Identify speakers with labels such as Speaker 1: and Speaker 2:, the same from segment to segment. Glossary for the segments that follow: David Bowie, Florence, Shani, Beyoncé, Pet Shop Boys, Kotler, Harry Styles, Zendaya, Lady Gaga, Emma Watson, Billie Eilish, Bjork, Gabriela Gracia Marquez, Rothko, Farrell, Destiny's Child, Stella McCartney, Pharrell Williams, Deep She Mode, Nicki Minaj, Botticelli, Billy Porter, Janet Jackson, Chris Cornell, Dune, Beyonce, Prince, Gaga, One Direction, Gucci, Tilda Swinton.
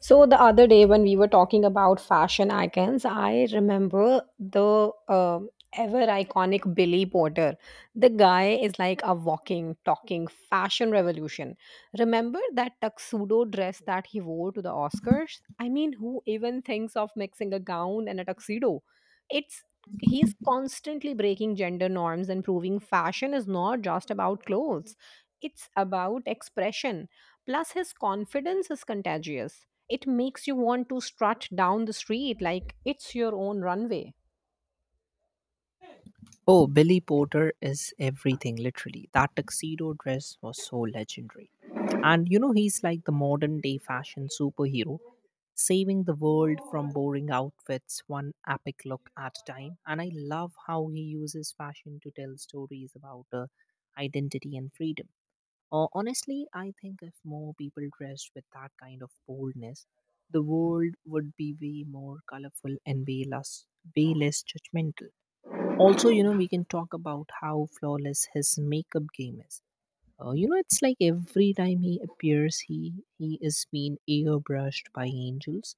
Speaker 1: So the other day when we were talking about fashion icons, I remember the ever iconic Billy Porter. The guy is like a walking, talking fashion revolution. Remember that tuxedo dress that he wore to the Oscars? I mean, who even thinks of mixing a gown and a tuxedo? It's He's constantly breaking gender norms and proving fashion is not just about clothes. It's about expression. Plus, his confidence is contagious, it makes you want to strut down the street like it's your own runway.
Speaker 2: Oh, Billy Porter is everything, literally. That tuxedo dress was so legendary. And you know, he's like the modern day fashion superhero, saving the world from boring outfits, one epic look at a time. And I love how he uses fashion to tell stories about identity and freedom. Honestly, I think if more people dressed with that kind of boldness, the world would be way more colorful and way less judgmental. Also, you know, we can talk about how flawless his makeup game is. You know, it's like every time he appears, he is being airbrushed by angels.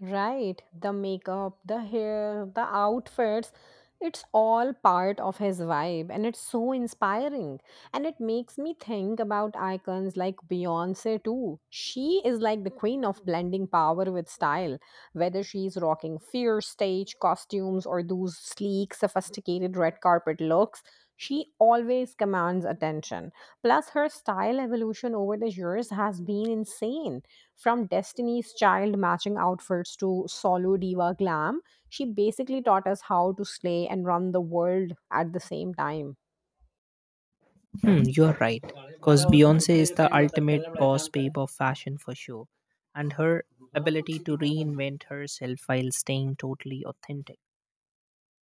Speaker 1: Right, the makeup, the hair, the outfits, it's all part of his vibe and it's so inspiring. And it makes me think about icons like Beyonce too. She is like the queen of blending power with style, whether she's rocking fierce stage costumes or those sleek, sophisticated red carpet looks. She always commands attention. Plus, her style evolution over the years has been insane. From Destiny's Child matching outfits to solo diva glam, she basically taught us how to slay and run the world at the same time.
Speaker 2: Hmm, you're right, because Beyonce is the ultimate boss babe of fashion for sure, and her ability to reinvent herself while staying totally authentic.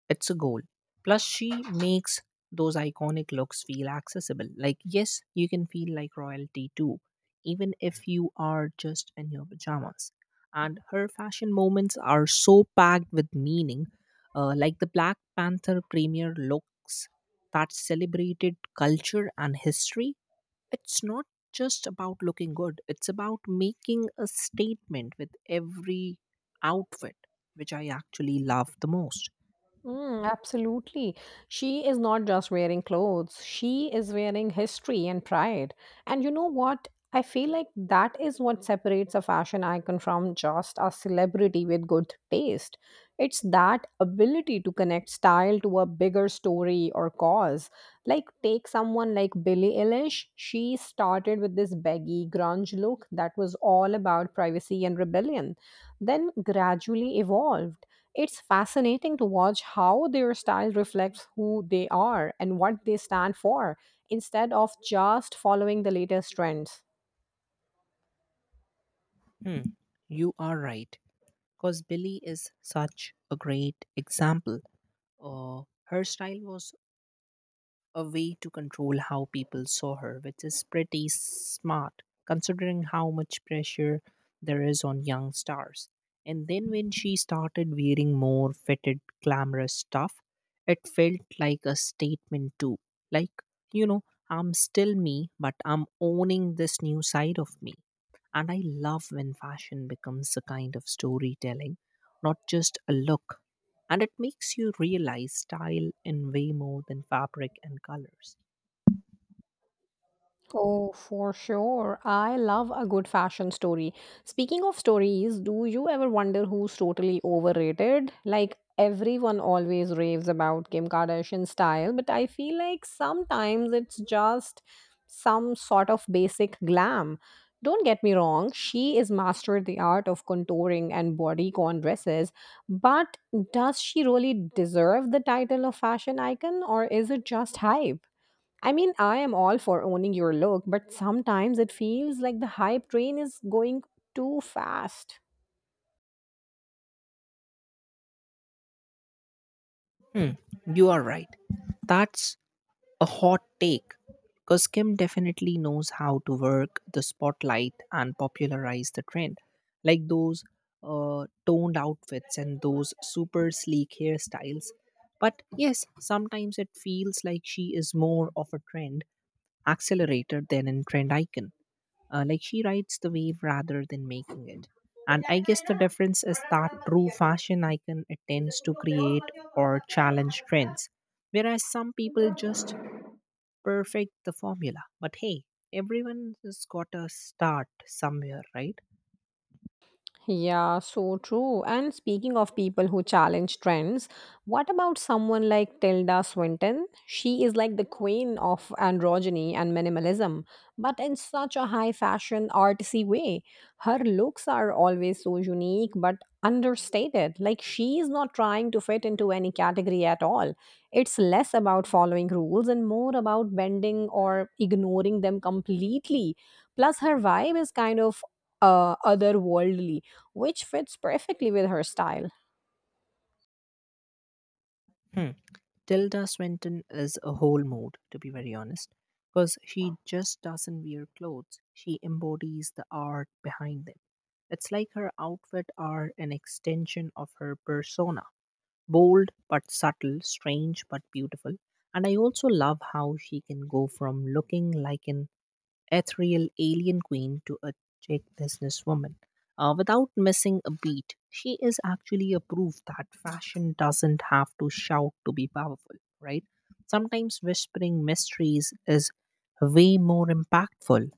Speaker 2: It's a goal. Plus, she makes those iconic looks feel accessible. Like, yes, you can feel like royalty too, even if you are just in your pajamas. And her fashion moments are so packed with meaning. Like the Black Panther premiere looks that celebrated culture and history. It's not just about looking good, it's about making a statement with every outfit, which I actually love the most.
Speaker 1: Mm, absolutely. She is not just wearing clothes, she is wearing history and pride. And you know what? I feel like that is what separates a fashion icon from just a celebrity with good taste. It's that ability to connect style to a bigger story or cause. Like, take someone like Billie Eilish. She started with this baggy grunge look that was all about privacy and rebellion, then gradually evolved. It's fascinating to watch how their style reflects who they are and what they stand for instead of just following the latest trends.
Speaker 2: Hmm, you are right. Because Billy is such a great example. Her style was a way to control how people saw her, which is pretty smart considering how much pressure there is on young stars. And then when she started wearing more fitted, glamorous stuff, it felt like a statement too. Like, you know, I'm still me, but I'm owning this new side of me. And I love when fashion becomes a kind of storytelling, not just a look, and it makes you realize style in way more than fabric and colors.
Speaker 1: Oh, for sure. I love a good fashion story. Speaking of stories, do you ever wonder who's totally overrated? Like, everyone always raves about Kim Kardashian's style, but I feel like sometimes it's just some sort of basic glam. Don't get me wrong, she is mastered the art of contouring and bodycon dresses, but does she really deserve the title of fashion icon or is it just hype? I mean, I am all for owning your look, but sometimes it feels like the hype train is going too fast.
Speaker 2: Hmm, you are right. That's a hot take because Kim definitely knows how to work the spotlight and popularize the trend, like those toned outfits and those super sleek hairstyles. But yes, sometimes it feels like she is more of a trend accelerator than a trend icon. Like she rides the wave rather than making it. And I guess the difference is that true fashion icon attempts to create or challenge trends, whereas some people just perfect the formula. But hey, everyone has got a start somewhere, right?
Speaker 1: Yeah, so true. And speaking of people who challenge trends, what about someone like Tilda Swinton? She is like the queen of androgyny and minimalism, but in such a high fashion, artsy way. Her looks are always so unique but understated. Like she is not trying to fit into any category at all. It's less about following rules and more about bending or ignoring them completely. Plus, her vibe is kind of otherworldly, which fits perfectly with her style.
Speaker 2: Hmm. Tilda Swinton is a whole mood, to be very honest, because she just doesn't wear clothes. She embodies the art behind them. It's like her outfit are an extension of her persona, bold but subtle, strange but beautiful. And I also love how she can go from looking like an ethereal alien queen to a Czech businesswoman. Without missing a beat, she is actually a proof that fashion doesn't have to shout to be powerful, right? Sometimes whispering mysteries is way more impactful.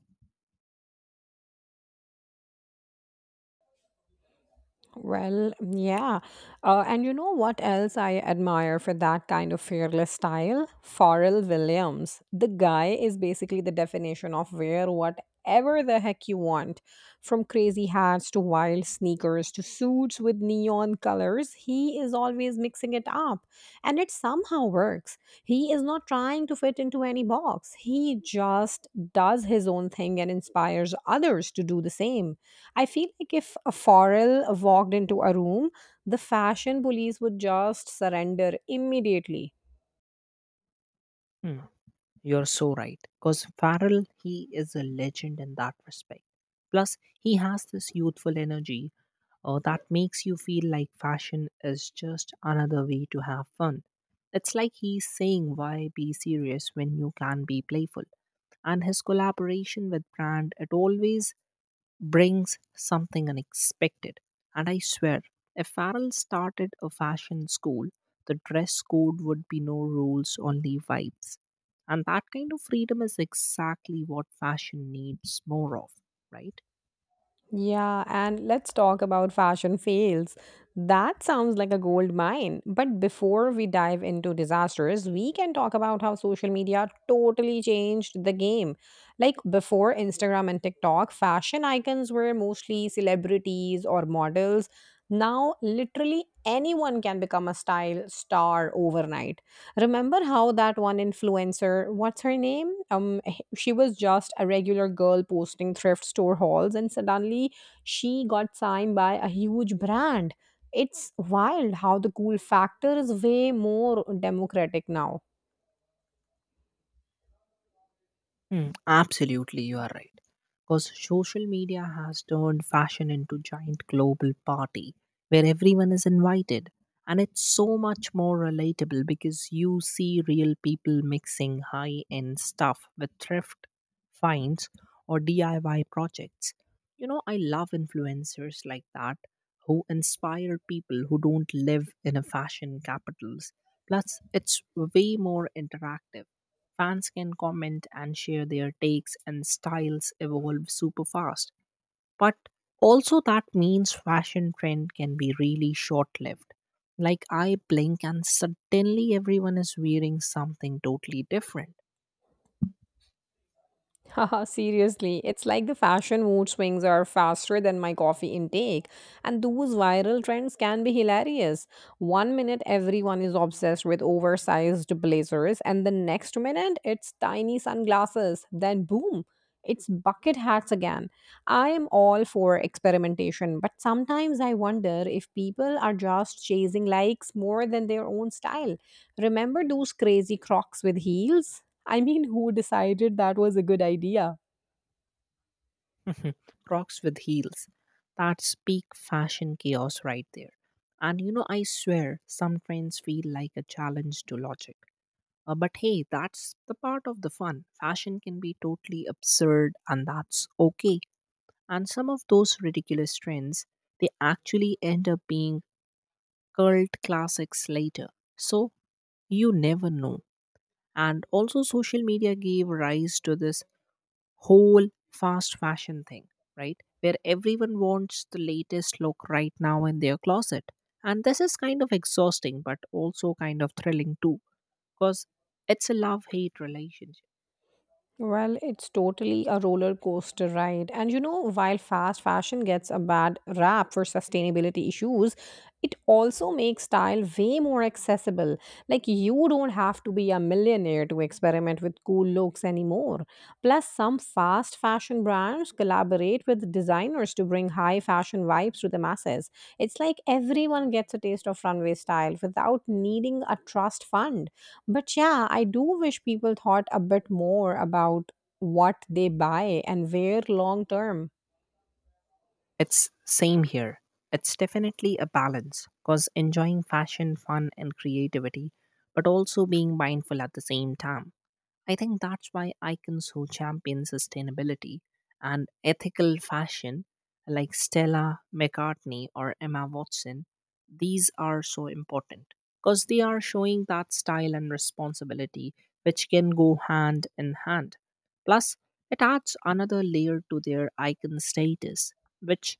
Speaker 1: Well, yeah. And you know what else I admire for that kind of fearless style? Pharrell Williams. The guy is basically the definition of wear whatever the heck you want. From crazy hats to wild sneakers to suits with neon colors, he is always mixing it up. And it somehow works. He is not trying to fit into any box, he just does his own thing and inspires others to do the same. I feel like if a foreigner walked into a room, the fashion police would just surrender immediately.
Speaker 2: Hmm. You're so right. Because Farrell, he is a legend in that respect. Plus, he has this youthful energy that makes you feel like fashion is just another way to have fun. It's like he's saying, why be serious when you can be playful? And his collaboration with Brand, it always brings something unexpected. And I swear, if Farrell started a fashion school, the dress code would be no rules, only vibes. And that kind of freedom is exactly what fashion needs more of, right?
Speaker 1: Yeah, and let's talk about fashion fails. That sounds like a gold mine. But before we dive into disasters, we can talk about how social media totally changed the game. Like before Instagram and TikTok, fashion icons were mostly celebrities or models. Now, literally anyone can become a style star overnight. Remember how that one influencer, what's her name? She was just a regular girl posting thrift store hauls and suddenly she got signed by a huge brand. It's wild how the cool factor is way more democratic now.
Speaker 2: Hmm, absolutely, you are right. Because social media has turned fashion into giant global party where everyone is invited, and it's so much more relatable because you see real people mixing high end stuff with thrift finds or DIY projects. You know, I love influencers like that who inspire people who don't live in a fashion capitals. Plus, it's way more interactive. Fans can comment and share their takes, and styles evolve super fast. But also, that means fashion trend can be really short lived. Like, I blink, and suddenly everyone is wearing something totally different.
Speaker 1: Haha, seriously, it's like the fashion mood swings are faster than my coffee intake, and those viral trends can be hilarious. One minute, everyone is obsessed with oversized blazers, and the next minute, it's tiny sunglasses. Then, boom, it's bucket hats again. I am all for experimentation, but sometimes I wonder if people are just chasing likes more than their own style. Remember those crazy crocs with heels? I mean, who decided that was a good idea?
Speaker 2: Mhm. Crocs with heels. That's peak fashion chaos right there. And you know, I swear some trends feel like a challenge to logic. But hey, that's the part of the fun. Fashion can be totally absurd, and that's okay. And some of those ridiculous trends, they actually end up being cult classics later. So you never know. And also, social media gave rise to this whole fast fashion thing, right? Where everyone wants the latest look right now in their closet. And this is kind of exhausting, but also kind of thrilling too, because it's a love hate relationship.
Speaker 1: Well, it's totally a roller coaster ride. And you know, while fast fashion gets a bad rap for sustainability issues, it also makes style way more accessible. Like, you don't have to be a millionaire to experiment with cool looks anymore. Plus, some fast fashion brands collaborate with designers to bring high fashion vibes to the masses. It's like everyone gets a taste of runway style without needing a trust fund. But yeah, I do wish people thought a bit more about what they buy and where long term.
Speaker 2: It's same here. It's definitely a balance, because enjoying fashion, fun, and creativity, but also being mindful at the same time. I think that's why icons who champion sustainability and ethical fashion, like Stella McCartney or Emma Watson, these are so important because they are showing that style and responsibility which can go hand in hand. Plus, it adds another layer to their icon status, which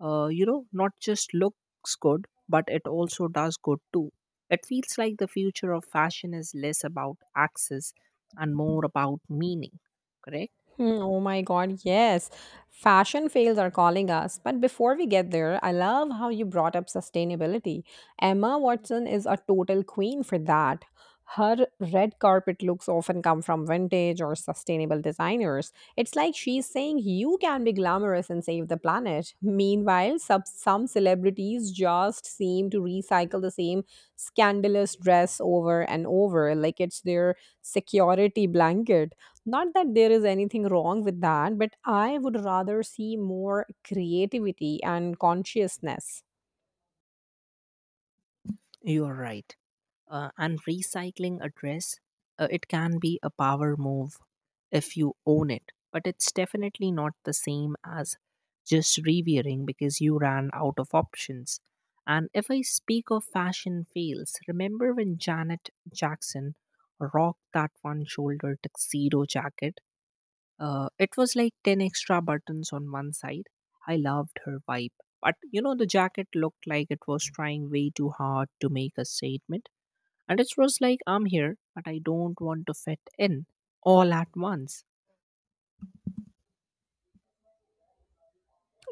Speaker 2: you know, not just looks good, but it also does good too. It feels like the future of fashion is less about access and more about meaning, correct?
Speaker 1: Hmm, oh my God, yes. Fashion fails are calling us. But before we get there, I love how you brought up sustainability. Emma Watson is a total queen for that. Her red carpet looks often come from vintage or sustainable designers. It's like she's saying you can be glamorous and save the planet. Meanwhile, some celebrities just seem to recycle the same scandalous dress over and over, like it's their security blanket. Not that there is anything wrong with that, but I would rather see more creativity and consciousness.
Speaker 2: You're right. And recycling a dress, it can be a power move if you own it, but it's definitely not the same as just revering because you ran out of options. And if I speak of fashion fails, remember when Janet Jackson rocked that one shoulder tuxedo jacket, it was like 10 extra buttons on one side. I loved her vibe. But you know, the jacket looked like it was trying way too hard to make a statement. And it was like, I'm here, but I don't want to fit in all at once.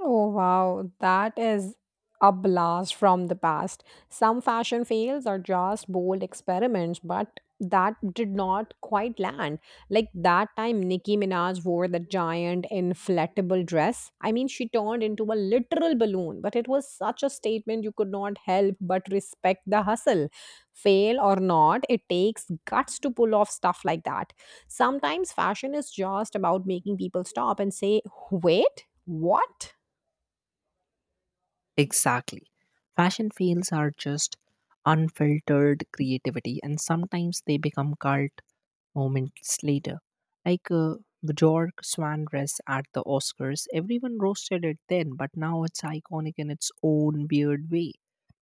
Speaker 1: Oh wow, that is a blast from the past. Some fashion fails are just bold experiments, but that did not quite land. Like that time Nicki Minaj wore the giant inflatable dress. I mean, she turned into a literal balloon, but it was such a statement you could not help but respect the hustle. Fail or not, it takes guts to pull off stuff like that. Sometimes fashion is just about making people stop and say, "Wait, what?"
Speaker 2: Exactly. Fashion fails are just unfiltered creativity, and sometimes they become cult moments later. Like Bjork Swan dress at the Oscars, everyone roasted it then, but now it's iconic in its own weird way.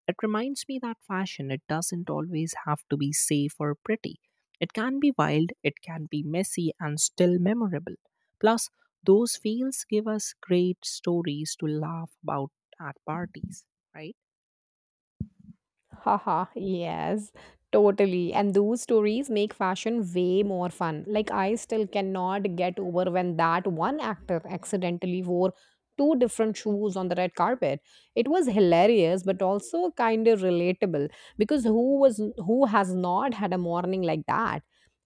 Speaker 2: It reminds me that fashion, it doesn't always have to be safe or pretty. It can be wild, it can be messy, and still memorable. Plus, those feels give us great stories to laugh about at parties, right?
Speaker 1: Haha, yes, totally. And those stories make fashion way more fun. Like, I still cannot get over when that one actor accidentally wore two different shoes on the red carpet. It was hilarious, but also kind of relatable because who has not had a morning like that?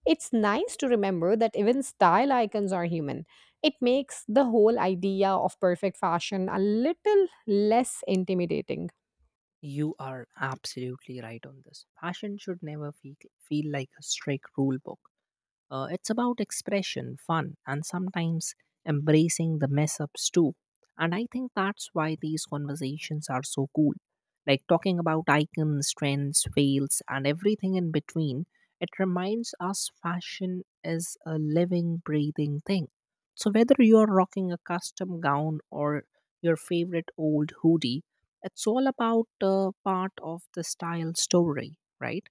Speaker 1: It's nice to remember that even style icons are human. It makes the whole idea of perfect fashion a little less intimidating.
Speaker 2: You are absolutely right on this. Fashion should never feel like a strict rule book. It's about expression, fun, and sometimes embracing the mess ups too. And I think that's why these conversations are so cool. Like talking about icons, trends, fails, and everything in between, it reminds us fashion is a living, breathing thing. So whether you're rocking a custom gown or your favorite old hoodie, it's all about part of the style story, right?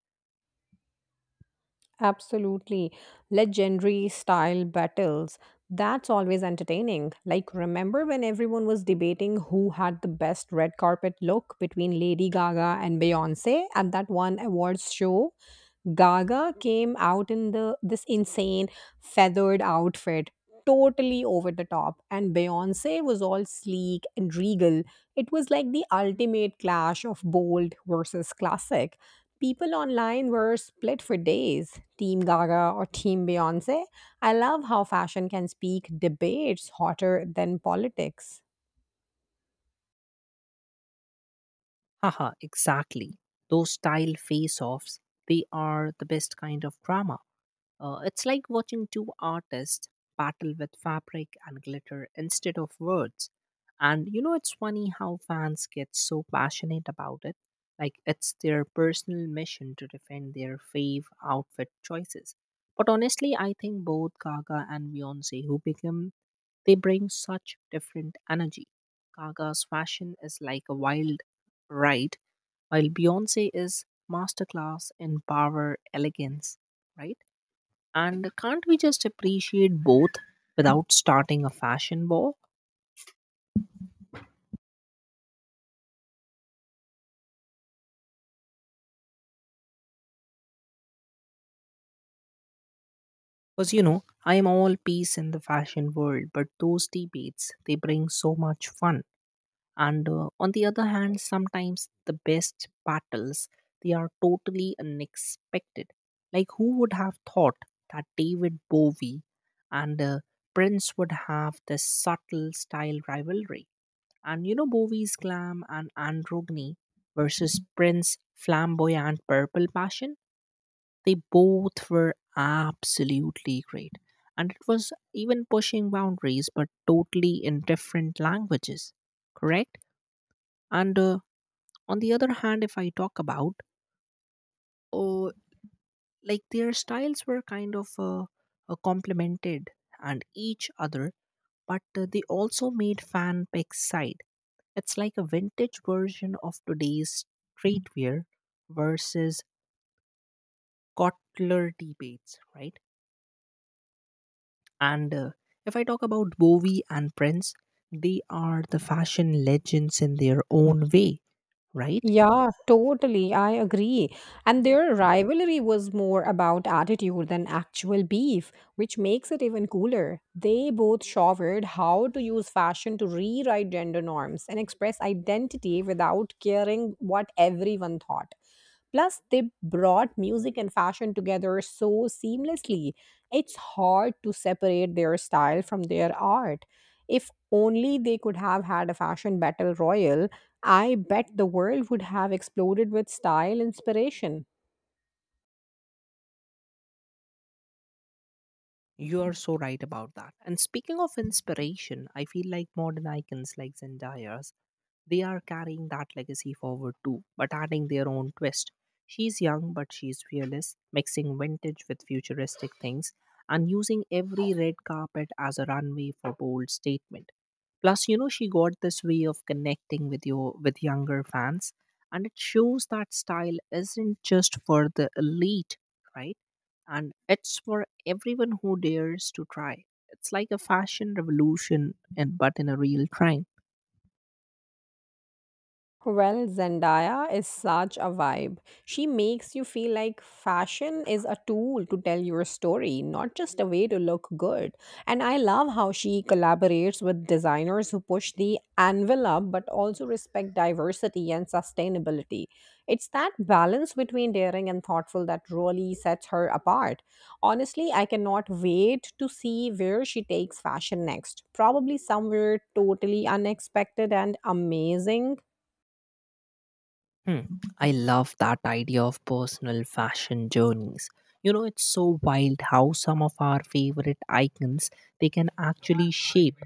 Speaker 1: Absolutely. Legendary style battles. That's always entertaining. Like, remember when everyone was debating who had the best red carpet look between Lady Gaga and Beyonce at that one awards show? Gaga came out in the this insane feathered outfit, totally over the top, and Beyonce was all sleek and regal. It was like the ultimate clash of bold versus classic. People online were split for days, Team Gaga or Team Beyonce. I love how fashion can speak debates hotter than politics.
Speaker 2: Haha, exactly. Those style face offs, they are the best kind of drama. It's like watching two artists battle with fabric and glitter instead of words. And you know, it's funny how fans get so passionate about it. Like it's their personal mission to defend their fave outfit choices. But honestly, I think both Gaga and Beyonce, they bring such different energy. Gaga's fashion is like a wild ride, while Beyonce is masterclass in power, elegance, right? And can't we just appreciate both without starting a fashion war? Because, you know, I am all peace in the fashion world, but those debates, they bring so much fun. And on the other hand, sometimes the best battles, they are totally unexpected. Like, who would have thought that David Bowie and Prince would have this subtle style rivalry? And you know, Bowie's glam and androgyny versus Prince's flamboyant purple passion, they both were absolutely great. And it was even pushing boundaries, but totally in different languages, correct? And on the other hand, if I talk about, uh, like their styles were kind of complemented and each other, but they also made fan pick side. It's like a vintage version of today's streetwear versus Kotler debates, right? And if I talk about Bowie and Prince, they are the fashion legends in their own way, right?
Speaker 1: Yeah, totally. I agree. And their rivalry was more about attitude than actual beef, which makes it even cooler. They both showered how to use fashion to rewrite gender norms and express identity without caring what everyone thought. Plus, they brought music and fashion together so seamlessly. It's hard to separate their style from their art. If only they could have had a fashion battle royal, I bet the world would have exploded with style inspiration.
Speaker 2: You are so right about that. And speaking of inspiration, I feel like modern icons like Zendaya, they are carrying that legacy forward too, but adding their own twist. She's young, but she's fearless, mixing vintage with futuristic things and using every red carpet as a runway for bold statement. Plus, you know, she got this way of connecting with your with younger fans, and it shows that style isn't just for the elite, right? And it's for everyone who dares to try. It's like a fashion revolution, and but in a real time.
Speaker 1: Well, Zendaya is such a vibe. She makes you feel like fashion is a tool to tell your story, not just a way to look good. And I love how she collaborates with designers who push the envelope but also respect diversity and sustainability. It's that balance between daring and thoughtful that really sets her apart. Honestly, I cannot wait to see where she takes fashion next. Probably somewhere totally unexpected and amazing.
Speaker 2: Hmm. I love that idea of personal fashion journeys. You know, it's so wild how some of our favorite icons they can actually shape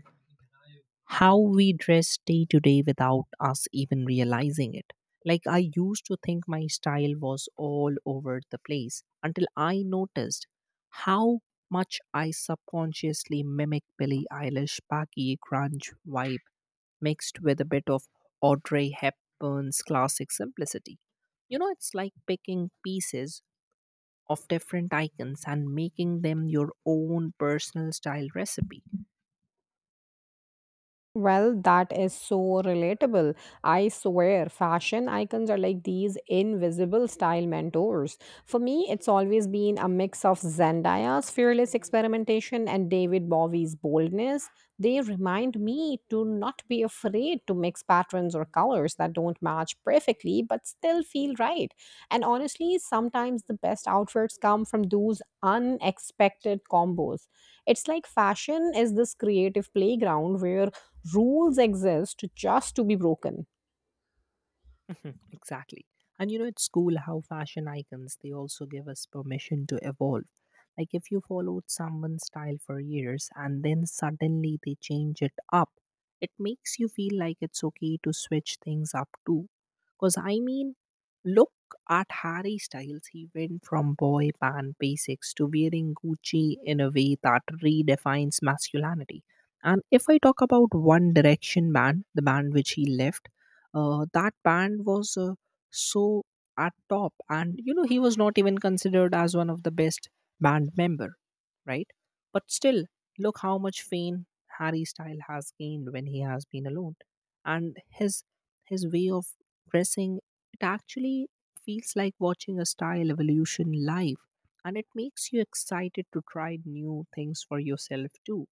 Speaker 2: how we dress day to day without us even realizing it. Like, I used to think my style was all over the place until I noticed how much I subconsciously mimic Billie Eilish baggy grunge vibe mixed with a bit of Audrey Hepburn's classic simplicity. You know, it's like picking pieces of different icons and making them your own personal style recipe.
Speaker 1: Well, that is so relatable. I swear, fashion icons are like these invisible style mentors. For me, it's always been a mix of Zendaya's fearless experimentation and David Bowie's boldness. They remind me to not be afraid to mix patterns or colors that don't match perfectly but still feel right. And honestly, sometimes the best outfits come from those unexpected combos. It's like fashion is this creative playground where rules exist just to be broken.
Speaker 2: Mhm, exactly. And you know, it's cool how fashion icons they also give us permission to evolve. Like if you followed someone's style for years and then suddenly they change it up, it makes you feel like it's okay to switch things up too. Because I mean, look at Harry Styles. He went from boy band basics to wearing Gucci in a way that redefines masculinity. And if I talk about One Direction band, the band which he left, that band was so at top, and you know he was not even considered as one of the best band member, right? But still, look how much fame Harry Style has gained when he has been alone, and his way of dressing, it actually feels like watching a style evolution live. And it makes you excited to try new things for yourself too.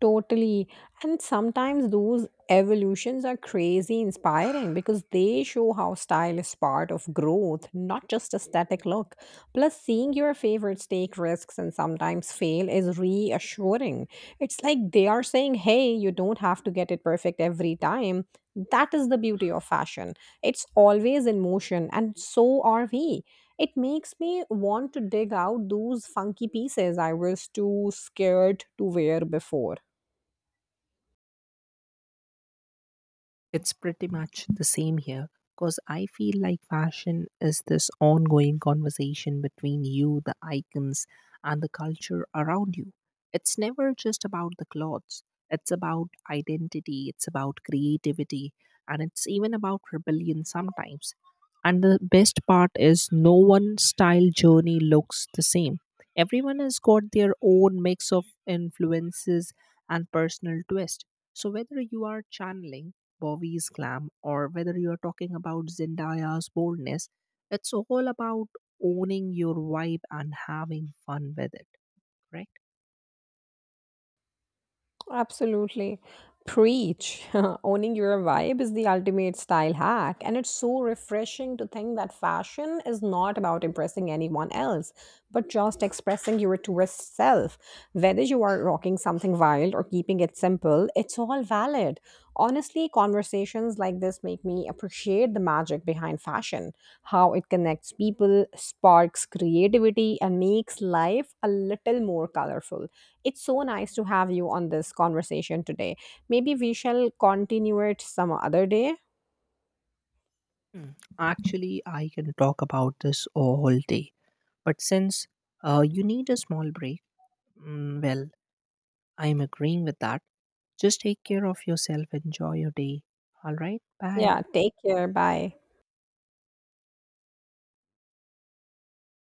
Speaker 1: Totally. And sometimes those evolutions are crazy inspiring because they show how style is part of growth, not just aesthetic look. Plus, seeing your favorites take risks and sometimes fail is reassuring. It's like they are saying, hey, you don't have to get it perfect every time. That is the beauty of fashion. It's always in motion, and so are we. It makes me want to dig out those funky pieces I was too scared to wear before.
Speaker 2: It's pretty much the same here because I feel like fashion is this ongoing conversation between you, the icons, and the culture around you. It's never just about the clothes, it's about identity, it's about creativity, and it's even about rebellion sometimes. And the best part is, no one style journey looks the same. Everyone has got their own mix of influences and personal twist. So, whether you are channeling Bowie's glam, or whether you're talking about Zendaya's boldness, it's all about owning your vibe and having fun with it, right?
Speaker 1: Absolutely. Preach. Owning your vibe is the ultimate style hack. And it's so refreshing to think that fashion is not about impressing anyone else, but just expressing your truest self. Whether you are rocking something wild or keeping it simple, it's all valid. Honestly, conversations like this make me appreciate the magic behind fashion, how it connects people, sparks creativity, and makes life a little more colorful. It's so nice to have you on this conversation today. Maybe we shall continue it some other day.
Speaker 2: Hmm. Actually, I can talk about this all day, but since you need a small break, mm, well, I'm agreeing with that. Just take care of yourself, enjoy your day. All right, bye.
Speaker 1: Yeah, take care. Bye.